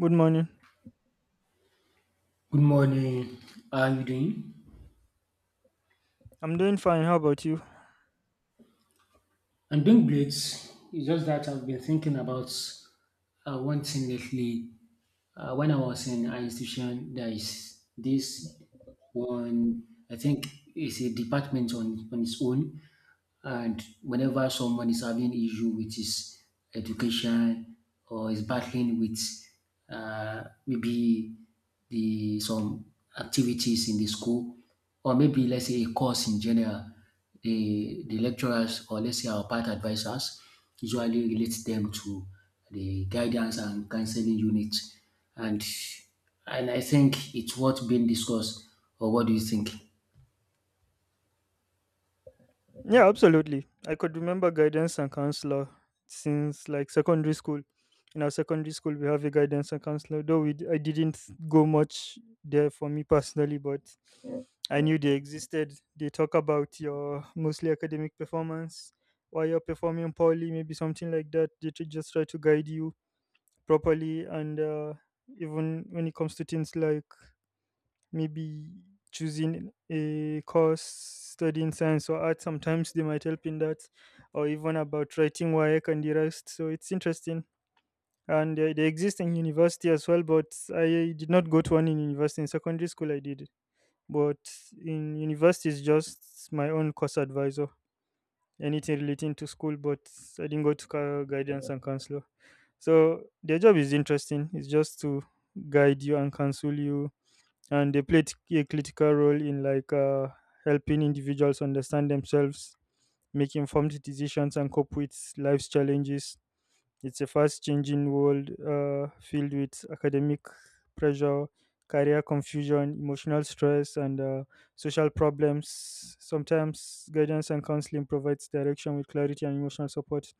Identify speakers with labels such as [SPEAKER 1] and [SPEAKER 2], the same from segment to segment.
[SPEAKER 1] Good morning.
[SPEAKER 2] Good morning. How are you doing?
[SPEAKER 1] I'm doing fine. How about you?
[SPEAKER 2] I'm doing great. It's just that I've been thinking about one thing lately. When I was in an institution, there is this one, I think it's a department on its own. And whenever someone is having issue with his education or is battling with maybe the some activities in the school or maybe let's say a course in general, the lecturers or let's say our part advisors usually relate them to the guidance and counseling unit. And and I think it's worth being discussed. Or what do you think?
[SPEAKER 1] Yeah, absolutely. I could remember guidance and counselor since like secondary school. In our secondary school, we have a guidance and counselor, though I didn't go much there for me personally, but I knew they existed. They talk about your mostly academic performance, why you're performing poorly, maybe something like that. They just try to guide you properly, and even when it comes to things like maybe choosing a course, studying science or art, sometimes they might help in that, or even about writing work and the rest. So it's interesting, and they exist in university as well, but I did not go to one in university. In secondary school I did, but in university it's just my own course advisor, anything relating to school. But I didn't go to ca- guidance and counselor, so their job is interesting. It's just to guide you and counsel you, and they play a critical role in, like, helping individuals understand themselves, make informed decisions, and cope with life's challenges. It's a fast changing world, filled with academic pressure, career confusion, emotional stress, and social problems. Sometimes guidance and counseling provides direction with clarity and emotional support,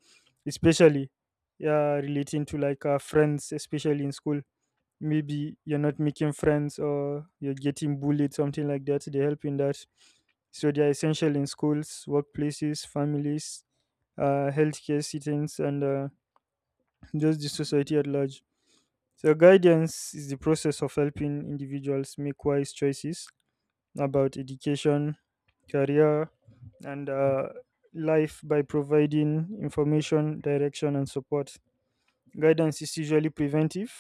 [SPEAKER 1] especially, yeah, relating to, like, friends, especially in school. Maybe you're not making friends or you're getting bullied, something like that. They help in that. So they are essential in schools, workplaces, families, healthcare settings, and just the society at large. So, guidance is the process of helping individuals make wise choices about education, career, and life, by providing information, direction, and support. Guidance is usually preventive,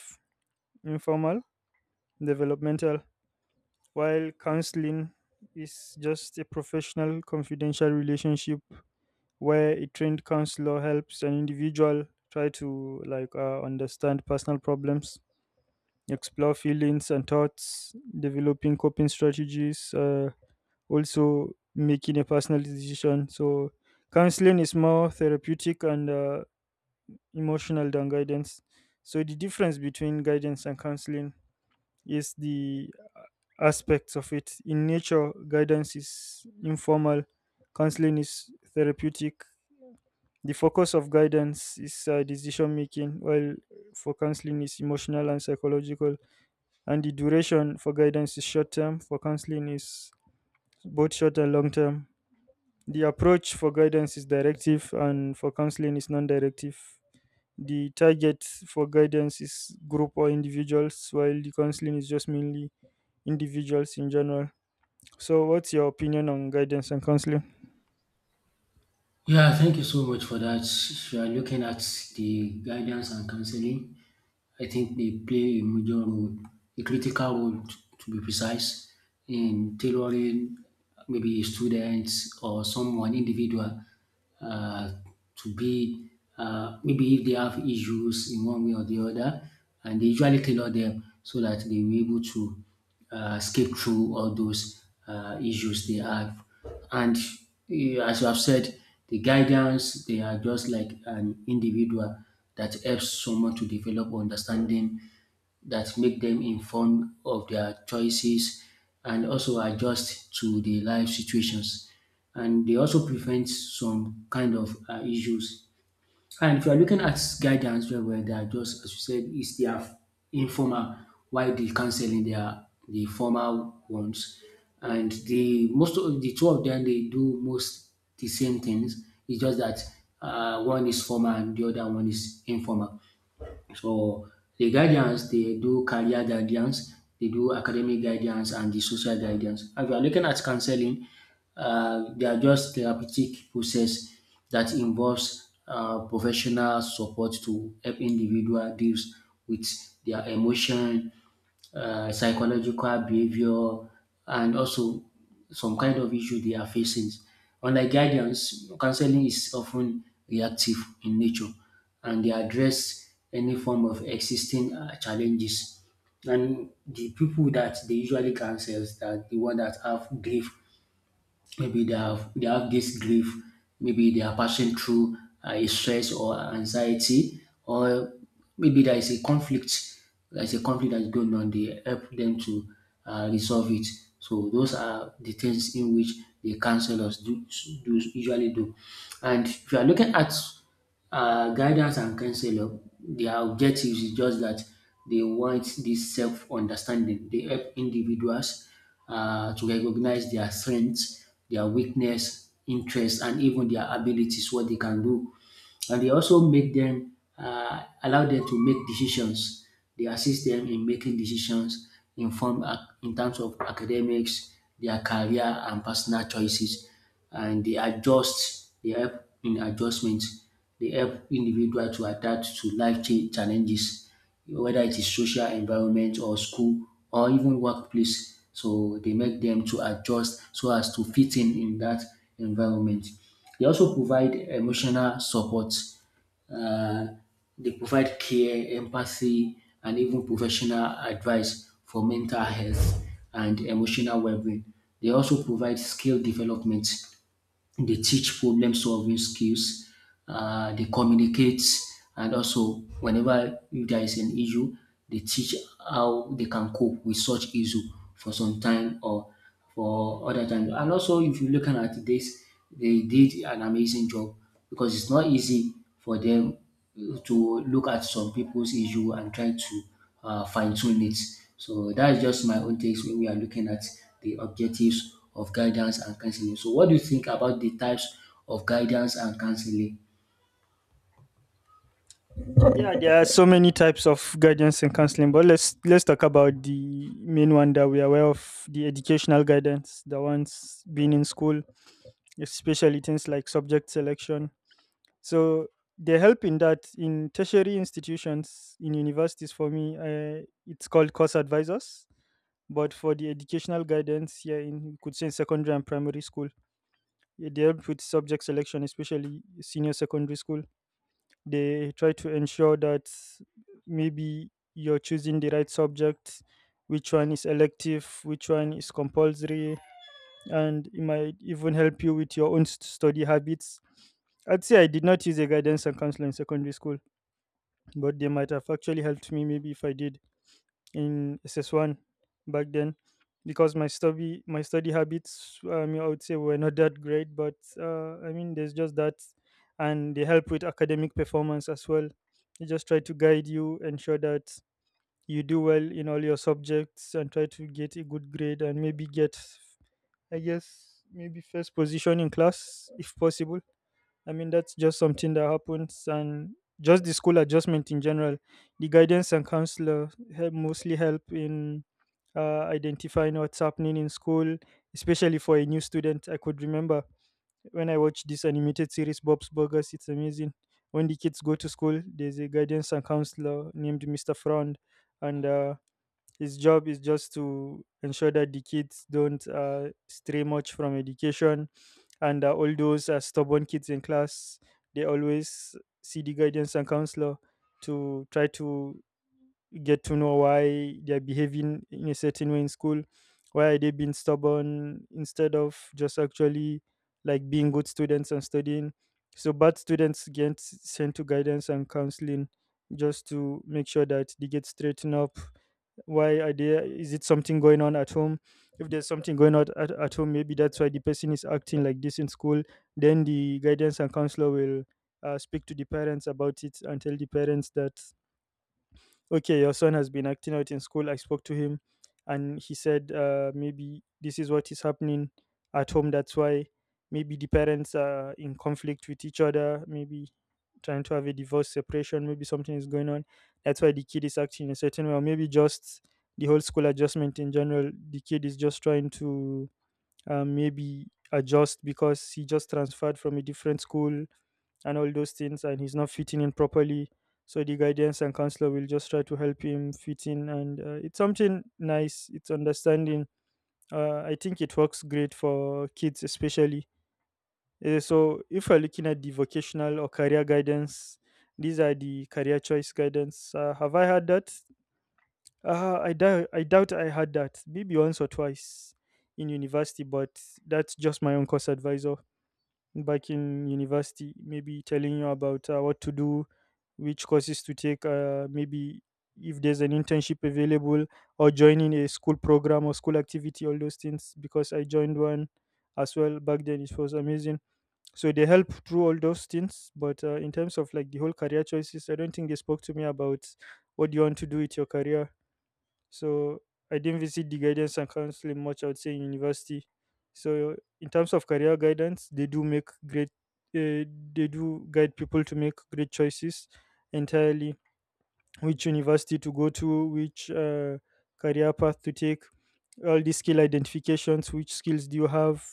[SPEAKER 1] informal, developmental, while counseling is just a professional, confidential relationship where a trained counselor helps an individual try to, like, understand personal problems, explore feelings and thoughts, developing coping strategies, also making a personal decision. So, counseling is more therapeutic and emotional than guidance. So, the difference between guidance and counseling is the aspects of it. In nature, guidance is informal, counseling is therapeutic. The focus of guidance is, decision making, while for counseling is emotional and psychological, and the duration for guidance is short term, for counseling is both short and long term. The approach for guidance is directive, and for counseling is non-directive. The target for guidance is group or individuals, while the counseling is just mainly individuals in general. So what's your opinion on guidance and counseling?
[SPEAKER 2] Yeah, thank you so much for that. If you are looking at the guidance and counseling, I think they play a major role, a critical role to be precise, in tailoring maybe students or someone individual uh, to be, maybe if they have issues in one way or the other, and they usually tailor them so that they will be able to skip through all those issues they have. And as you have said, the guidance, they are just like an individual that helps someone to develop understanding, that make them informed of their choices and also adjust to the life situations. And they also prevent some kind of issues. And if you are looking at guidance very well, they are just, as you said, it's their informal, while the counseling they are the formal ones. And the most of the two of them they do most the same things. It's just that one is formal and the other one is informal. So the guidance they do career guidance, they do academic guidance and the social guidance. If you are looking at counseling, they are just therapeutic process that involves professional support to help individual deals with their emotion, psychological behavior, and also some kind of issue they are facing. Unlike guidance, counseling is often reactive in nature, and they address any form of existing challenges. And the people that they usually counsel that the one that have grief, maybe they have this grief, maybe they are passing through a stress or anxiety, or maybe there is a conflict, there is a conflict that is going on. They help them to resolve it. So those are the things in which the counselors do usually do. And if you are looking at guidance and counselor, their objective is just that they want this self understanding. They help individuals to recognize their strengths, their weakness, interests, and even their abilities, what they can do. And they also make them, allow them to make decisions. They assist them in making decisions in form in terms of academics, their career, and personal choices. And they adjust. They help in adjustments, they help individual to adapt to life challenges, whether it is social environment or school or even workplace. So they make them to adjust so as to fit in that environment. They also provide emotional support. Uh, they provide care, empathy, and even professional advice for mental health and emotional well-being. They also provide skill development, they teach problem solving skills, they communicate, and also whenever there is an issue, they teach how they can cope with such issue for some time or for other time. And also, if you look at this, they did an amazing job because it's not easy for them to look at some people's issue and try to fine tune it. So that's just my own takes when we are looking at the objectives of guidance and counseling. So, what do you think about the types of guidance and counseling?
[SPEAKER 1] Yeah, there are so many types of guidance and counseling, but let's talk about the main one that we are aware of, the educational guidance, the ones being in school, especially things like subject selection. So they help in that. In tertiary institutions, in universities, for me, it's called course advisors. But for the educational guidance here in, you could say, in secondary and primary school, yeah, they help with subject selection, especially senior secondary school. They try to ensure that maybe you're choosing the right subject, which one is elective, which one is compulsory, and it might even help you with your own study habits. I'd say I did not use a guidance and counselor in secondary school, but they might have actually helped me maybe if I did, in SS1 back then, because my study habits, I would say, were not that great, but I mean, there's just that. And they help with academic performance as well. They just try to guide you, ensure that you do well in all your subjects and try to get a good grade, and maybe get, I guess, maybe first position in class if possible. I mean, that's just something that happens, and just the school adjustment in general. The guidance and counselor help, mostly help in identifying what's happening in school, especially for a new student. I could remember when I watched this animated series, Bob's Burgers. It's amazing. When the kids go to school, there's a guidance and counselor named Mr. Frond, and his job is just to ensure that the kids don't stray much from education, and all those stubborn kids in class, they always see the guidance and counselor to try to get to know why they are behaving in a certain way in school, why are they being stubborn instead of just actually, like, being good students and studying. So bad students get sent to guidance and counseling just to make sure that they get straightened up. Why are there, is it something going on at home? If there's something going on at home, maybe that's why the person is acting like this in school. Then the guidance and counselor will speak to the parents about it and tell the parents that, okay, your son has been acting out in school. I spoke to him, and he said, maybe this is what is happening at home. That's why, maybe the parents are in conflict with each other, maybe trying to have a divorce, separation, maybe something is going on. That's why the kid is acting in a certain way, or maybe just the whole school adjustment in general. The kid is just trying to maybe adjust because he just transferred from a different school and all those things, and he's not fitting in properly. So the guidance and counselor will just try to help him fit in, and it's something nice, it's understanding. I think it works great for kids especially. So if we're looking at the vocational or career guidance, these are the career choice guidance. Have I had that? I doubt I had that, maybe once or twice in university, but that's just my own course advisor back in university, maybe telling you about what to do, which courses to take, maybe if there's an internship available or joining a school program or school activity, all those things, because I joined one as well back then. It was amazing. So they help through all those things, but in terms of, like, the whole career choices, I don't think they spoke to me about what do you want to do with your career. So I didn't visit the guidance and counseling much, I would say, in university. So in terms of career guidance, they do make great, uh, they do guide people to make great choices entirely, which university to go to, which career path to take, all the skill identifications, which skills do you have,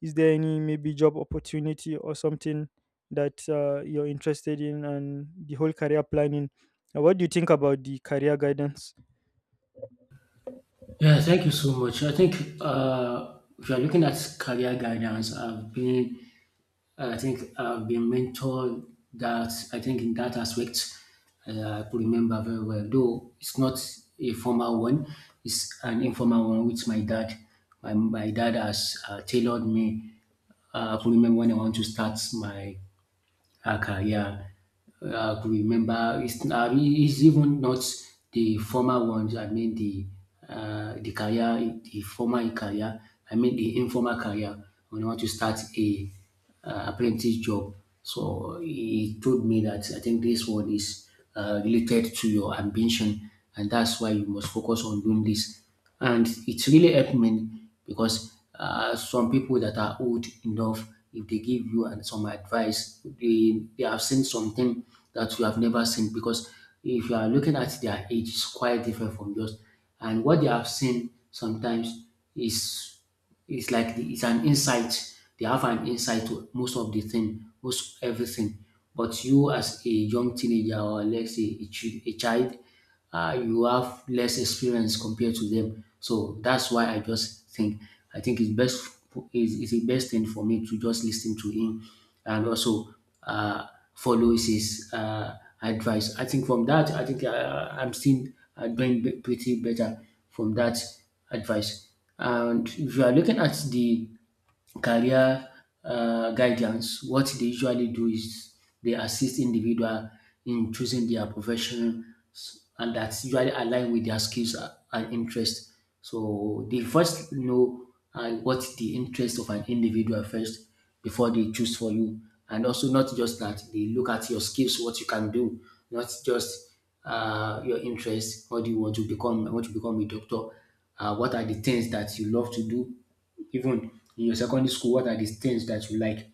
[SPEAKER 1] is there any maybe job opportunity or something that you're interested in, and the whole career planning. What do you think about the career guidance?
[SPEAKER 2] Yeah, thank you so much. I think if you're looking at career guidance, I've been, I think I've been mentored, that I think in that aspect, I could remember very well. Though it's not a formal one, it's an informal one with my dad. My dad has tailored me. I could remember when I want to start my, okay, yeah. I could remember it's even not the former ones. I mean the, the career, the formal career. I mean the informal career. When I want to start a apprentice job, so he told me that I think this one is related to your ambition, and that's why you must focus on doing this. And it really helped me, because some people that are old enough, if they give you and some advice, they have seen something that you have never seen, because if you are looking at their age, it's quite different from yours. And what they have seen sometimes is it's like the, it's an insight. They have an insight to most of the thing, most everything. But you as a young teenager or let's say a, a child, you have less experience compared to them. So that's why I just think, I think it's best is the best thing for me to just listen to him and also uh, follow his advice. I think from that, I think I'm still doing pretty better from that advice. And if you are looking at the career guidance, what they usually do is they assist individual in choosing their profession and that's usually aligned with their skills and interest. So they first know what the interest of an individual first before they choose for you. And also not just that, they look at your skills, what you can do, not just your interest. What do you want to become? I want to become a doctor. What are the things that you love to do? Even in your secondary school, what are the things that you like?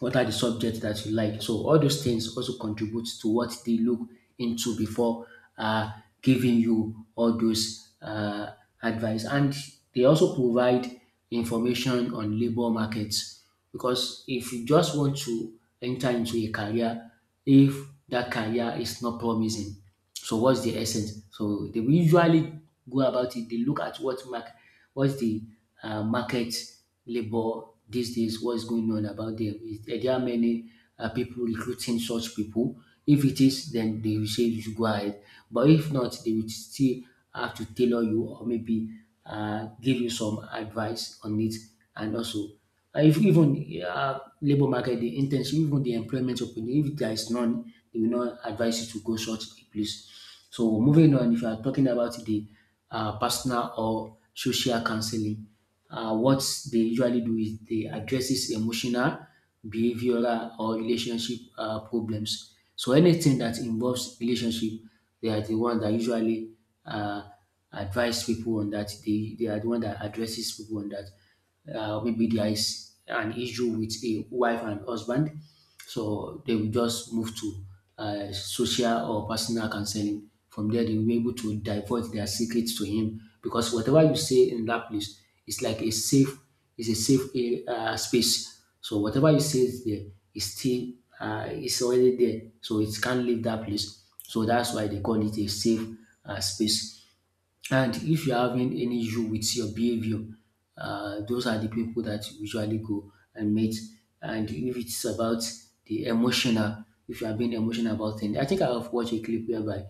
[SPEAKER 2] What are the subjects that you like? So all those things also contribute to what they look into before uh, giving you all those advice. And they also provide information on labor markets, because if you just want to enter into a career, if that career is not promising, so what's the essence? So they will usually go about it. They look at what mark, what's the market labor these days. What's going on about them? Is, are there are many people recruiting such people? If it is, then they will say you should go ahead. But if not, they will still have to tailor you or maybe give you some advice on it. And also, and if even labour market, the internship, even the employment opportunity, if there is none, they will not advise you to go such a place. So moving on, if you are talking about the personal or social counseling, what they usually do is they addresses emotional, behavioral or relationship problems. So anything that involves relationship, they are the one that usually uh, advise people on that. They are the one that addresses people on that, maybe there is an issue with a wife and husband, so they will just move to social or personal counseling. From there, they will be able to divulge their secrets to him, because whatever you say in that place is like a safe, is a safe, space. So whatever you say is there is still is already there, so it can't leave that place. So that's why they call it a safe space. And if you're having any issue with your behavior, those are the people that you usually go and meet. And if it's about the emotional, if you are being emotional about things, I think I've watched a clip whereby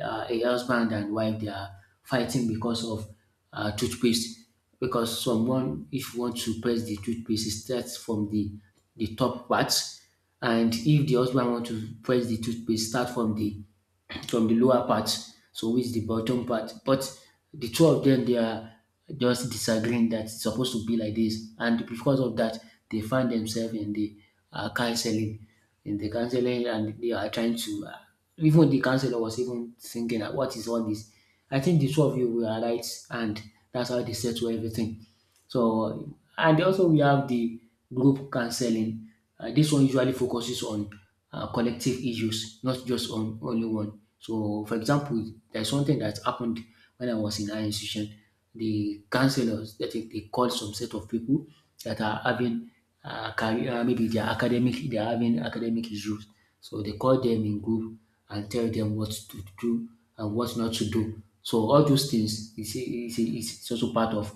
[SPEAKER 2] a husband and wife they are fighting because of toothpaste. Because someone, if you want to press the toothpaste, it starts from the top part, and if the husband want to press the toothpaste, start from the lower part, so which the bottom part. But the two of them they are just disagreeing that it's supposed to be like this, and because of that, they find themselves in the counseling, in the counseling, and they are trying to. Even the counselor was even thinking, "What is all this? I think the two of you were right," and that's how they settle everything. So, and also we have the group counseling. This one usually focuses on collective issues, not just on only one. So, for example, there's something that happened when I was in our institution. The counselors that they called some set of people that are having career, maybe they are academic, they are having academic issues. So they call them in group and tell them what to do and what not to do. So all those things is also part of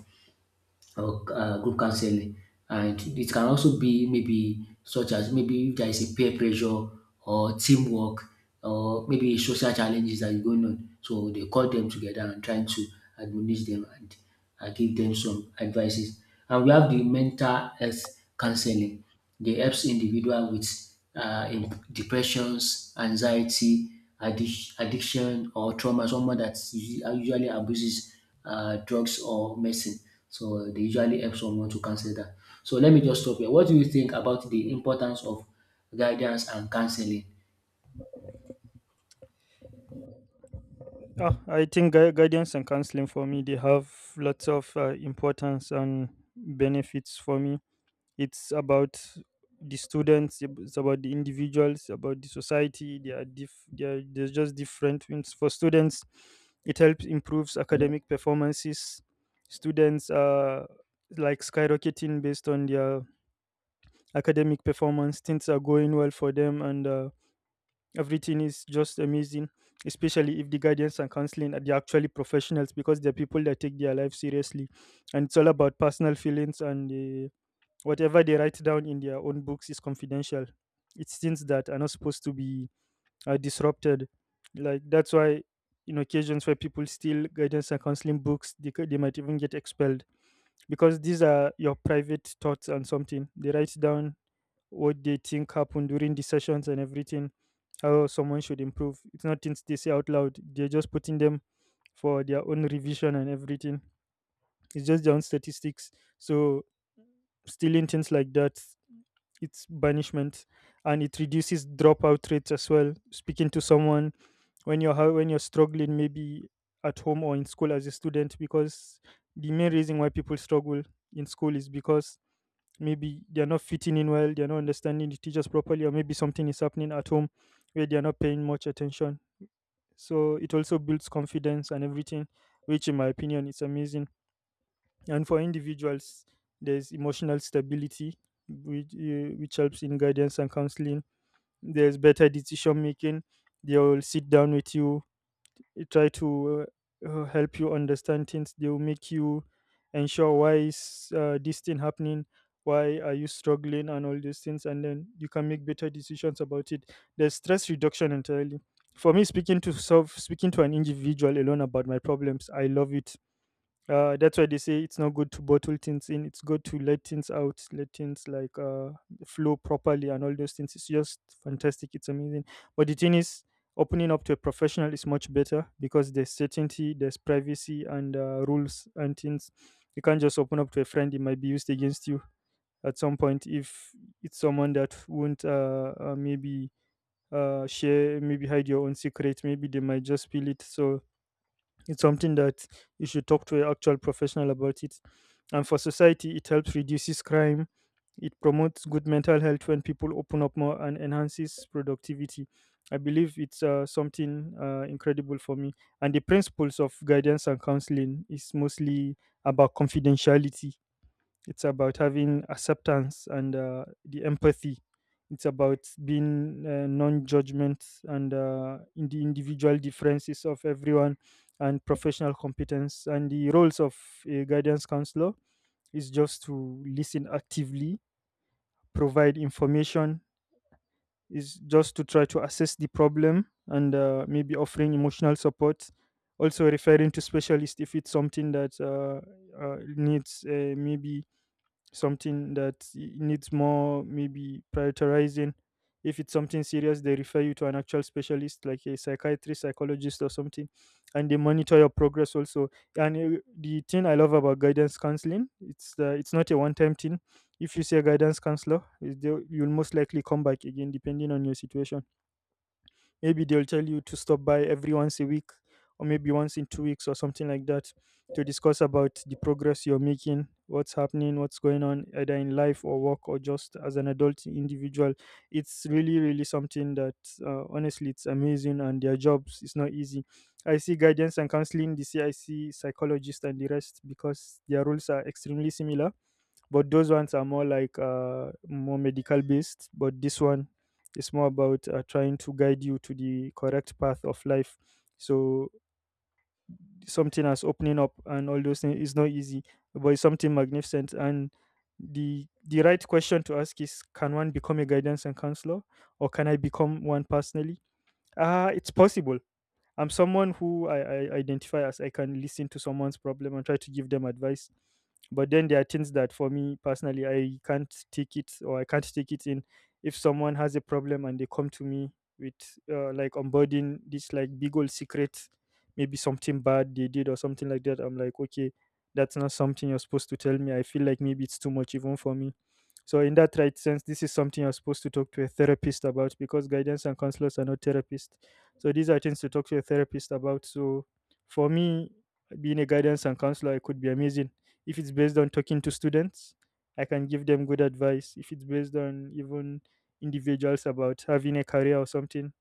[SPEAKER 2] or group counseling, and it can also be maybe such as maybe if there is a peer pressure or teamwork or maybe social challenges that is going on, so they call them together and trying to admonish them and give them some advices. And we have the mental health counseling. They helps individual with in depressions, anxiety, addiction, or trauma. Someone that usually abuses drugs or medicine. So they usually help someone to cancel that. So let me just stop here. What do you think about the importance of guidance and counseling?
[SPEAKER 1] Oh, I think guidance and counseling for me, they have lots of importance and benefits for me. It's about the students, it's about the individuals, about the society. They are, there's just different things. For students, it helps improves academic performances. Students are like skyrocketing based on their academic performance. Things are going well for them, and everything is just amazing. Especially if the guardians and counseling are, they're actually professionals, because they're people that take their life seriously, and it's all about personal feelings and. Whatever they write down in their own books is confidential. It's things that are not supposed to be disrupted. Like, that's why in occasions where people steal guidance and counseling books, they might even get expelled, because these are your private thoughts and something. They write down what they think happened during the sessions and everything, how someone should improve. It's not things they say out loud. They're just putting them for their own revision and everything. It's just their own statistics. So stealing things like that, it's banishment. And it reduces dropout rates as well, speaking to someone when when you're struggling, maybe at home or in school as a student, because the main reason why people struggle in school is because maybe they're not fitting in well, they're not understanding the teachers properly, or maybe something is happening at home where they're not paying much attention. So it also builds confidence and everything, which in my opinion is amazing. And for individuals, there's emotional stability, which helps in guidance and counseling. There's better decision making. They will sit down with you, try to help you understand things. They will make you ensure, why is this thing happening, why are you struggling, and all these things. And then you can make better decisions about it. There's stress reduction entirely. For me, speaking to self, speaking to an individual alone about my problems, I love it. That's why they say it's not good to bottle things in. It's good to let things out, let things, like, flow properly and all those things. It's just fantastic. It's amazing. But the thing is, opening up to a professional is much better because there's certainty, there's privacy, and rules and things. You can't just open up to a friend; it might be used against you at some point if it's someone that won't maybe share, maybe hide your own secret. Maybe they might just feel it. So it's something that you should talk to an actual professional about it. And for society, it helps reduces crime. It promotes good mental health when people open up more and enhances productivity. I believe it's something incredible for me. And the principles of guidance and counseling is mostly about confidentiality. It's about having acceptance and the empathy. It's about being non-judgment and in the individual differences of everyone and professional competence. And the roles of a guidance counselor is just to listen actively, provide information, is just to try to assess the problem and maybe offering emotional support. Also referring to specialist if it's something that needs maybe something that needs more maybe prioritizing. If it's something serious, they refer you to an actual specialist, like a psychiatrist, psychologist, or something, and they monitor your progress also. And the thing I love about guidance counseling, it's not a one-time thing. If you see a guidance counselor, is you'll most likely come back again, depending on your situation. Maybe they'll tell you to stop by every once a week or maybe once in 2 weeks or something like that to discuss about the progress you're making, what's happening, what's going on, either in life or work or just as an adult individual. It's really, really something that honestly it's amazing and their jobs is not easy. I see guidance and counseling, the CIC psychologist and the rest because their roles are extremely similar, but those ones are more like more medical based. But this one is more about trying to guide you to the correct path of life. So something as opening up and all those things is not easy, but it's something magnificent. And the right question to ask is: Can one become a guidance and counselor, or can I become one personally? Ah, it's possible. I'm someone who I identify as I can listen to someone's problem and try to give them advice. But then there are things that for me personally, I can't take it or I can't take it in. If someone has a problem and they come to me with like onboarding this like big old secret, maybe something bad they did or something like that, I'm like, okay, that's not something you're supposed to tell me. I feel like maybe it's too much even for me. So in that right sense, this is something you're supposed to talk to a therapist about because guidance and counselors are not therapists, so these are things to talk to your therapist about. So for me, being a guidance and counselor, it could be amazing. If it's based on talking to students, I can give them good advice. If it's based on even individuals about having a career or something,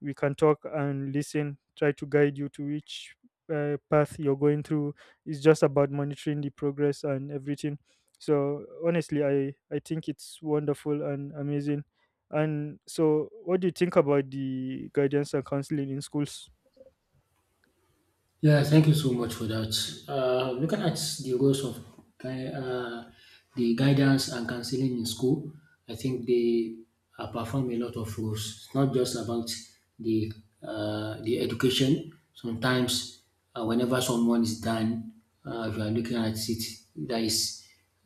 [SPEAKER 1] we can talk and listen try to guide you to which path you're going through. It's just about monitoring the progress and everything. So honestly I think it's wonderful and amazing. And so what do you think about the guidance and counseling in schools?
[SPEAKER 2] Yeah, thank you so much for that. Looking at the roles of gui- uh, the guidance and counseling in school, I think they perform a lot of roles. It's not just about the the education. Sometimes, whenever someone is done, if you are looking at it, there is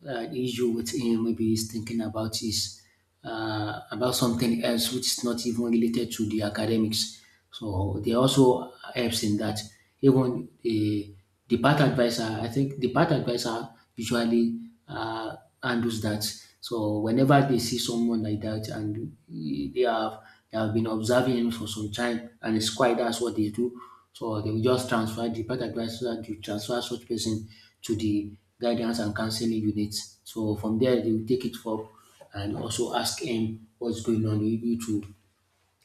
[SPEAKER 2] issue with him. Maybe he's thinking about his about something else which is not even related to the academics. So they also helps in that. Even the path advisor. I think the path advisor usually uh, handles that. So whenever they see someone like that, and they have they have been observing him for some time and it's quite that's what they do. So they will just transfer the path advisor to transfer such person to the guidance and counseling unit. So from there, they will take it up and also ask him what's going on. You need to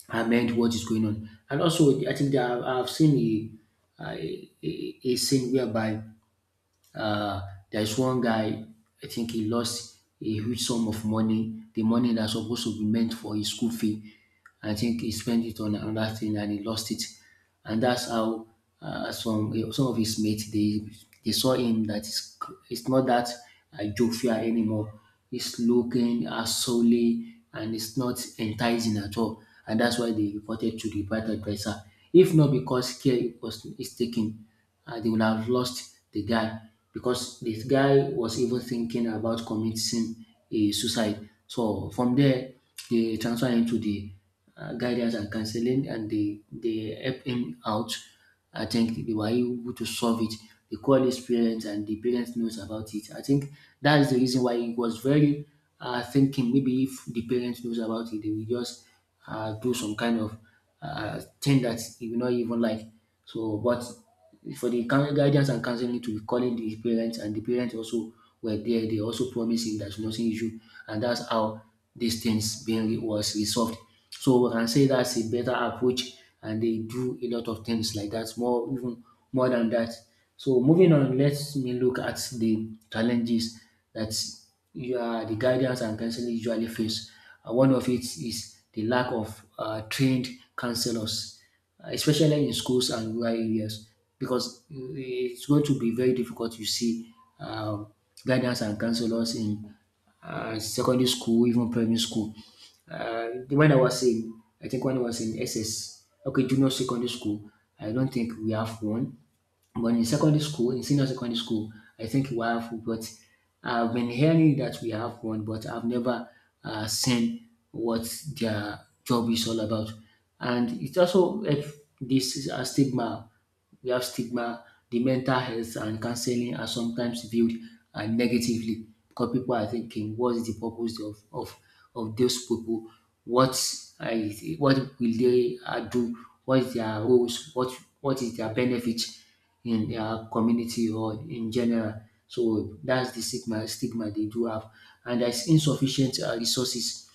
[SPEAKER 2] amend what is going on. And also, I think that I've seen a scene whereby uh, there is one guy. I think he lost a huge sum of money, the money that's supposed to be meant for his school fee. I think he spent it on another thing and he lost it. And that's how some some of his mates, they saw him that it's not that jovial anymore. It's looking solely and it's not enticing at all. And that's why they reported to the private advisor. If not because care was is taken, they would have lost the guy, because this guy was even thinking about committing a suicide. So from there, they transfer him to the guidance and counseling, and they help him out. I think they were able to solve it. They call his parents, and the parents knows about it. I think that is the reason why he was very thinking. Maybe if the parents knows about it, they will just do some kind of thing that he will not even like. So, but for the coun guidance and counseling to be calling the parents, and the parents also were there. They also promised him there's nothing issue, and that's how this things was resolved. So we can say that's a better approach, and they do a lot of things like that, more even more than that. So moving on, let me look at the challenges that you are the guidance and counseling usually face. One of it is the lack of trained counselors. Especially in schools and rural areas, because it's going to be very difficult to see um, guidance and counselors in secondary school, even primary school. When I was in, I think when I was in SS, okay, junior secondary school, I don't think we have one. But in secondary school, in senior secondary school, I think we have, but I've been hearing that we have one, but I've never seen what their job is all about. And it also, if this is a stigma, we have stigma, the mental health and counseling are sometimes viewed negatively, because people are thinking, what is the purpose of those people? What, what will they do? What is their roles? What is their benefit in our community or in general? So that's the stigma they do have. And there's insufficient resources.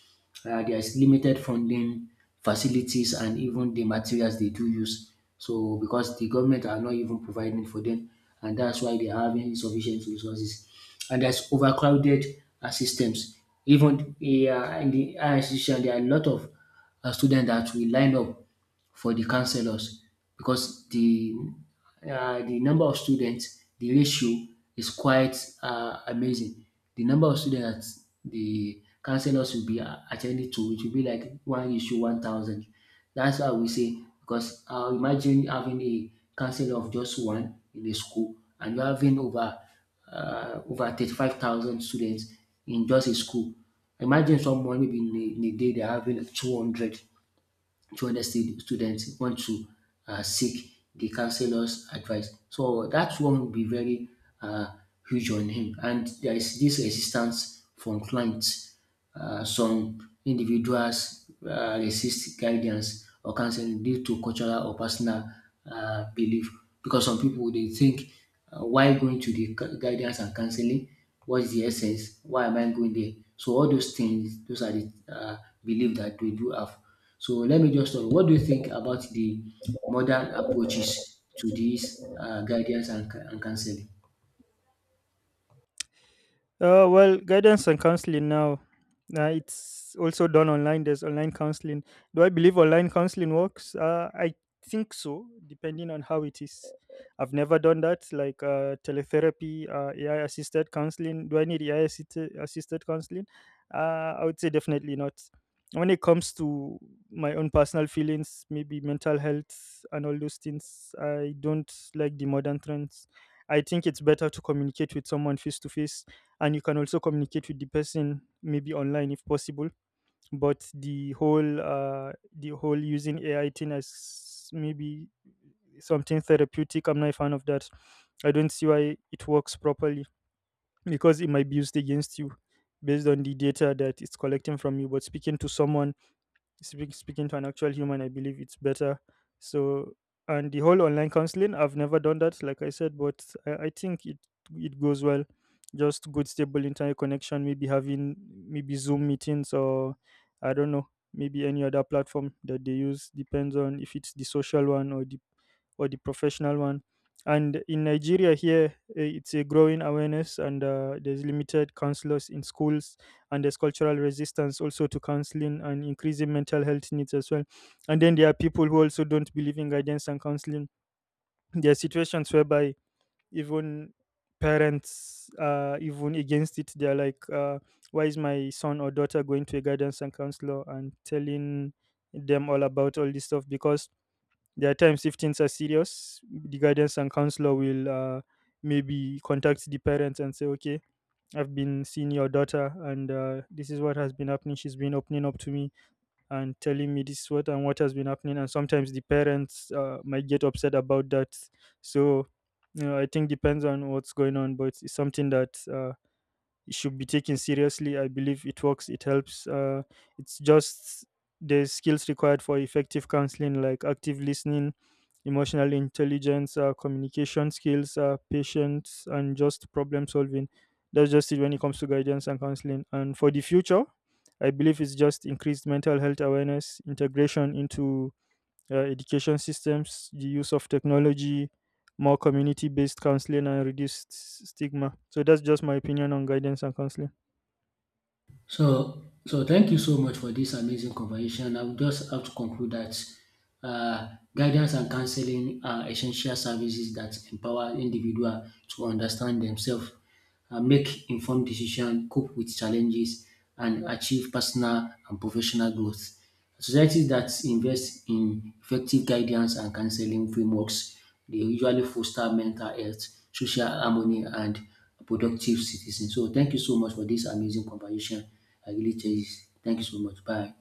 [SPEAKER 2] There's limited funding, facilities, and even the materials they do use. So because the government are not even providing for them, and that's why they are having insufficient resources. And there's overcrowded systems. Even in the higher institution, there are a lot of students that will line up for the counselors, because the number of students, the ratio is quite amazing. The number of students that the counselors will be attending to, it will be like one ratio 1,000. That's how we say, because imagine having a counselor of just one in a school, and you're having over over 35,000 students in just a school. Imagine someone maybe in a day, they're having two hundred 200 students want to seek the counselor's advice. So that one will be very uh, huge on him. And there is this resistance from clients. Some individuals resist guidance or counseling due to cultural or personal belief, because some people they think, why going to the guidance and counseling? What's the essence? Why am I going there? So all those things, those are the belief that we do have. So let me just know, what do you think about the modern approaches to this guidance and counseling?
[SPEAKER 1] Well, guidance and counseling now. It's also done online. There's online counseling. Do I believe online counseling works? I think so, depending on how it is. I've never done that, like teletherapy, AI assisted counseling. Do I need AI assisted counseling? I would say definitely not. When it comes to my own personal feelings, maybe mental health and all those things, I don't like the modern trends. I think it's better to communicate with someone face to face, and you can also communicate with the person maybe online if possible. But the whole using ai thing as maybe something therapeutic, I'm not a fan of that. I don't see why it works properly because it might be used against you based on the data that it's collecting from you. But speaking to someone, speaking to an actual human, I believe it's better. So, and the whole online counseling, I've never done that like I said, but I think it it goes well. Just good stable internet connection, maybe having maybe zoom meetings or I don't know, maybe any other platform that they use depends on if it's the social one or the professional one. And in Nigeria, here eh, it's a growing awareness, and there's limited counselors in schools, and there's cultural resistance also to counseling and increasing mental health needs as well. And then there are people who also don't believe in guidance and counseling. There are situations whereby even parents are even against it. They're like, why is my son or daughter going to a guidance and counselor and telling them all about all this stuff? Because there are times if things are serious, the guidance and counselor will maybe contact the parents and say, okay, I've been seeing your daughter and this is what has been happening. She's been opening up to me and telling me this what and what has been happening. And sometimes the parents might get upset about that. So, you know, I think depends on what's going on, but it's something that it should be taken seriously. I believe it works, it helps. It's just the skills required for effective counseling, like active listening, emotional intelligence, communication skills, patience, and just problem solving. That's just it when it comes to guidance and counseling. And for the future, I believe it's just increased mental health awareness, integration into education systems, the use of technology, more community based counseling, and reduced stigma. So that's just my opinion on guidance and counseling.
[SPEAKER 2] So, so thank you so much for this amazing conversation. I would just have to conclude that uh, guidance and counseling are essential services that empower individual to understand themselves, make informed decisions, cope with challenges, and achieve personal and professional growth. Societies that invest in effective guidance and counseling frameworks, they usually foster mental health, social harmony, and productive citizens. So thank you so much for this amazing conversation. I really cherish. Thank you so much. Bye.